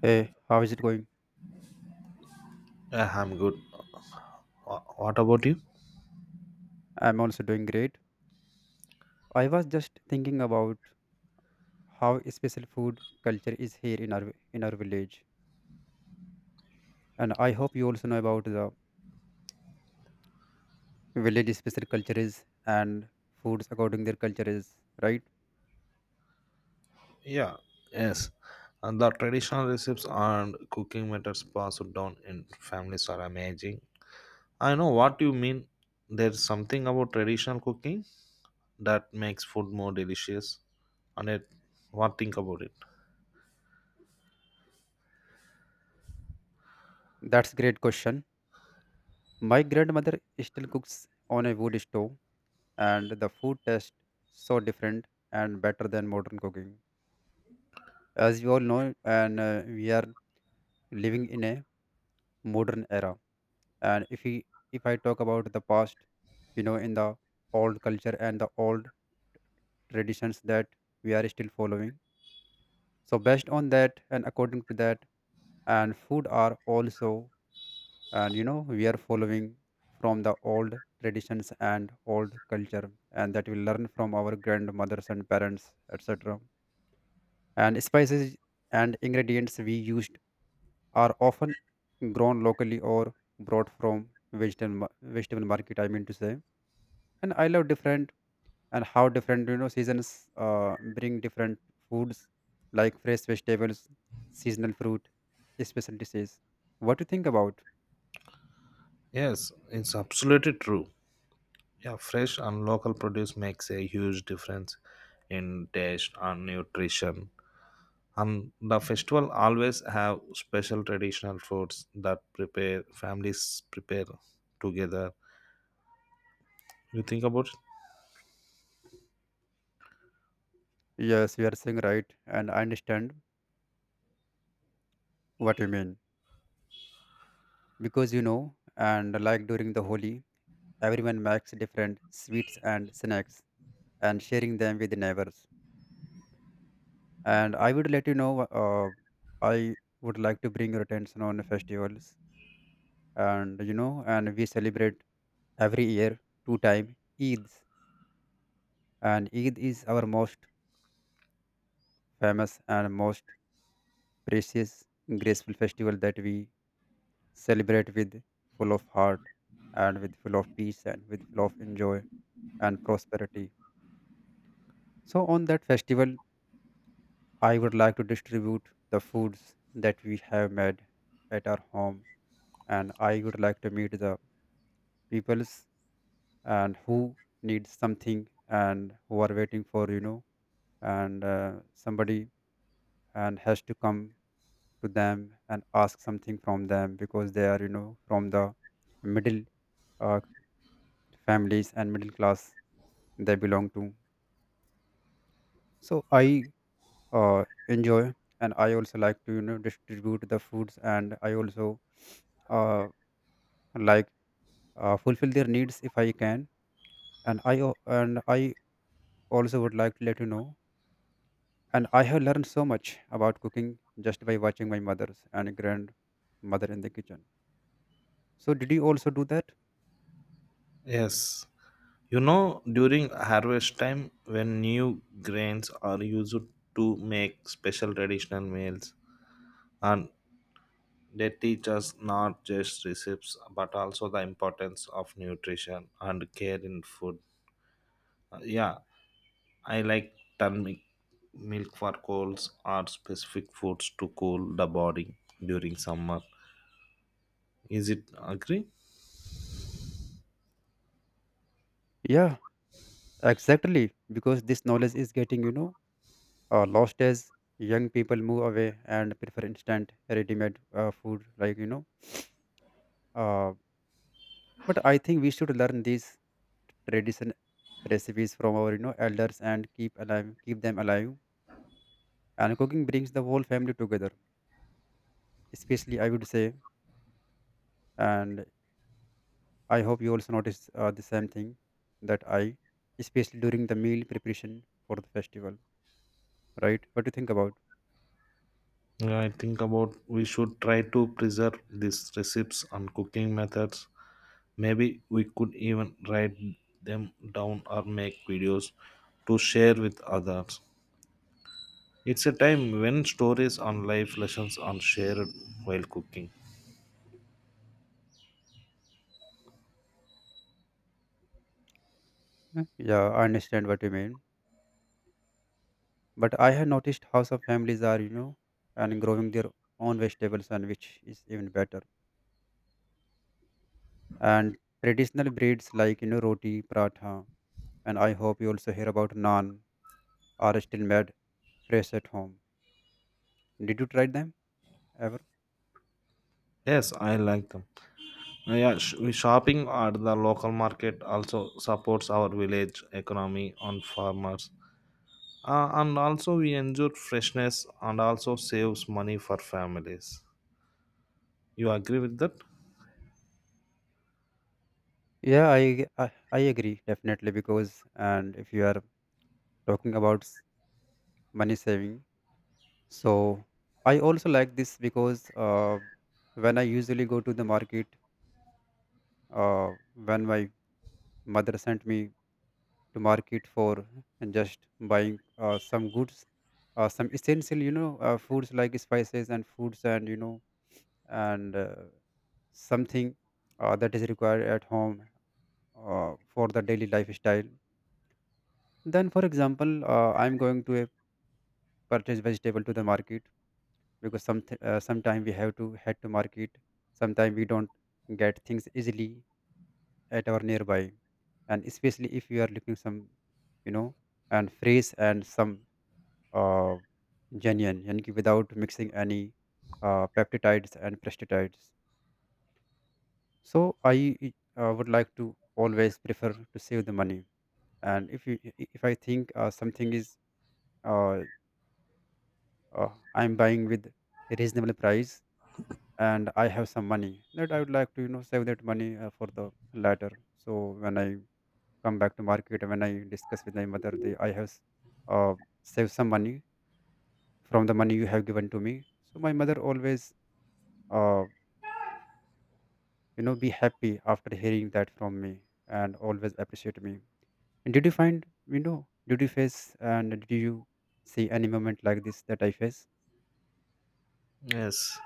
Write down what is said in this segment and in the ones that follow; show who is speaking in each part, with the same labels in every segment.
Speaker 1: Hey, how is it going?
Speaker 2: Yeah, I'm good. What about you?
Speaker 1: I'm also doing great. I was just thinking about how special food culture is here in our village, and I hope you also know about the village special cultures and foods according their cultures, right?
Speaker 2: Yeah, yes. And the traditional recipes and cooking methods passed down in families are amazing. I know what you mean. There's something about traditional cooking that makes food more delicious. And it, what think about it?
Speaker 1: That's great question. My grandmother still cooks on a wood stove, and the food tastes so different and better than modern cooking. As you all know, and we are living in a modern era, and if I talk about the past, in the old culture and the old traditions that we are still following, so based on that and according to that, and food are also, and we are following from the old traditions and old culture, and that we learn from our grandmothers and parents etc, and spices and ingredients we used are often grown locally or brought from vegetable market, I mean to say. And I love different, and how different, seasons bring different foods like fresh vegetables, seasonal fruit, special dishes. What do you think about?
Speaker 2: Yes, it's absolutely true. Yeah, fresh and local produce makes a huge difference in taste and nutrition. And the festival always have special traditional foods that prepare families prepare together. You think about it?
Speaker 1: Yes, you are saying right, and I understand what you mean, because and like during the holi, everyone makes different sweets and snacks and sharing them with the neighbors. And I would let you know, uh, I would like to bring your attention on the festivals. And and we celebrate every year two time Eids, and Eid is our most famous and most precious, graceful festival that we celebrate with full of heart and with full of peace and with full of enjoy and prosperity. So on that festival, I would like to distribute the foods that we have made at our home, and I would like to meet the peoples and who needs something and who are waiting, for and somebody and has to come to them and ask something from them, because they are, from the middle uh, families and middle class they belong to. So I enjoy, and I also like to, distribute the foods, and I also uh, like fulfill their needs if I can. And and I also would like to let you know, and I have learned so much about cooking just by watching my mother's and grandmother in the kitchen. So did you also do that?
Speaker 2: Yes, you know, during harvest time when new grains are used to make special traditional meals, and they teach us not just recipes but also the importance of nutrition and care in food. Yeah, I like turmeric milk for colds or specific foods to cool the body during summer. Is it agree?
Speaker 1: Yeah, exactly. Because this knowledge is getting, lost as young people move away and prefer instant ready-made food, Uh, but I think we should learn these tradition recipes from our, elders and keep alive, keep them alive. And cooking brings the whole family together. Especially, I would say, and I hope you also notice the same thing that I, especially during the meal preparation for the festival, right? What do you think about?
Speaker 2: Yeah, I think about we should try to preserve these recipes and cooking methods. Maybe we could even write them down or make videos to share with others. It's a time when stories on life lessons are shared while cooking.
Speaker 1: Yeah, I understand what you mean. But I have noticed how some families are, and growing their own vegetables, and which is even better. And traditional breeds like, roti, paratha, and I hope you also hear about naan, are still made fresh at home. Did you try them ever?
Speaker 2: Yes, I like them. We shopping at the local market also supports our village economy on farmers, and also we enjoy freshness and also saves money for families. You agree with that?
Speaker 1: Yeah, I, I agree definitely, because and if you are talking about money saving, so I also like this because when I usually go to the market, when my mother sent me to market for just buying some goods, some essential, foods like spices and foods, and and uh, something that is required at home for the daily lifestyle. Then for example, I'm going to purchase vegetable to the market, because sometime we have to head to market, sometime we don't get things easily at our nearby. And especially if you are looking some, you know and fresh and some uh, genuine, and without mixing any peptides and pesticides. So I would like to always prefer to save the money. And if I think something is, uh, uh, I'm buying with a reasonable price, and I have some money, that I would like to, save that money for the later. So when I come back to market, when I discuss with my mother, they I have uh, saved some money from the money you have given to me. So my mother always, uh, be happy after hearing that from me and always appreciate me. And did you find, you know did you face, and did you see any moment like this that I face?
Speaker 2: Yes,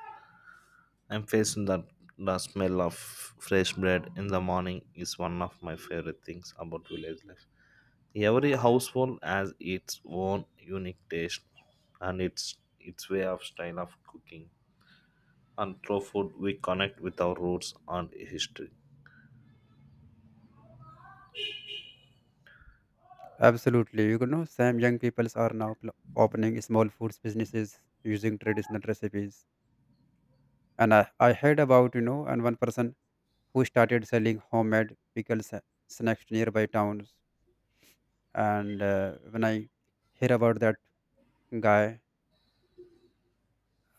Speaker 2: I'm facing that. The smell of fresh bread in the morning is one of my favorite things about village life. Every household has its own unique taste and its way of style of cooking. And through food we connect with our roots and history.
Speaker 1: Absolutely. Some young peoples are now opening small foods businesses using traditional recipes. And I heard about, and one person who started selling homemade pickles, snacks to nearby towns. And when I hear about that guy,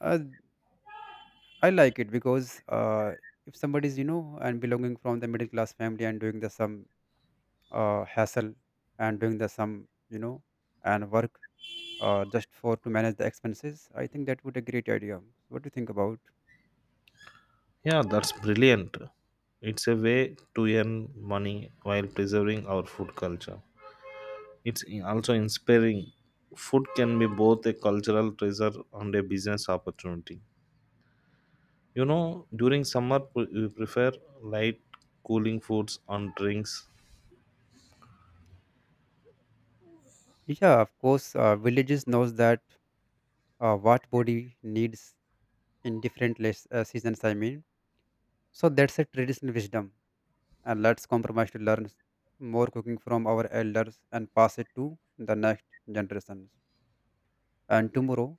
Speaker 1: uh, I like it, because if somebody's, and belonging from the middle class family and doing the some hassle and doing the some, you know and work just for to manage the expenses, I think that would a great idea. What do you think about?
Speaker 2: Yeah, that's brilliant. It's a way to earn money while preserving our food culture. Also inspiring. Food can be both a cultural treasure and a business opportunity. You know, during summer, we prefer light, cooling foods and drinks.
Speaker 1: Yeah, of course. Villages knows that what body needs in different less, seasons, I mean. So that's a traditional wisdom, and let's compromise to learn more cooking from our elders and pass it to the next generations. And tomorrow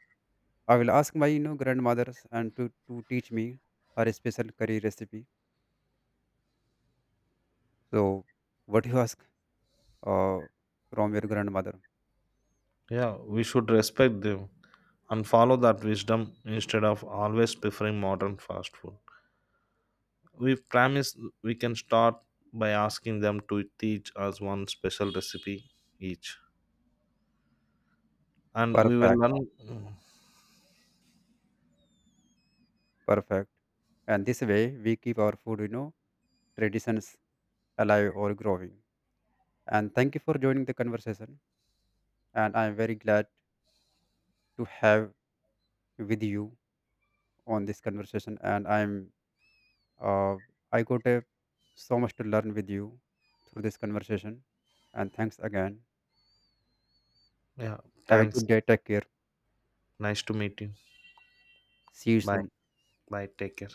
Speaker 1: I will ask my, grandmothers and to teach me her special curry recipe. So, what you ask uh, from your grandmother?
Speaker 2: Yeah, we should respect them and follow that wisdom instead of always preferring modern fast food. We promise we can start by asking them to teach us one special recipe each, and we will
Speaker 1: Perfect,
Speaker 2: learn.
Speaker 1: perfect. And this way, we keep our food, traditions alive or growing. And thank you for joining the conversation. And I am very glad to have with you on this conversation. And I'm, uh, I got a, so much to learn with you through this conversation. And thanks again.
Speaker 2: Yeah,
Speaker 1: Have a
Speaker 2: thanks.
Speaker 1: good day. Take care.
Speaker 2: Nice to meet you.
Speaker 1: See you
Speaker 2: Bye.
Speaker 1: soon.
Speaker 2: Bye. Take care.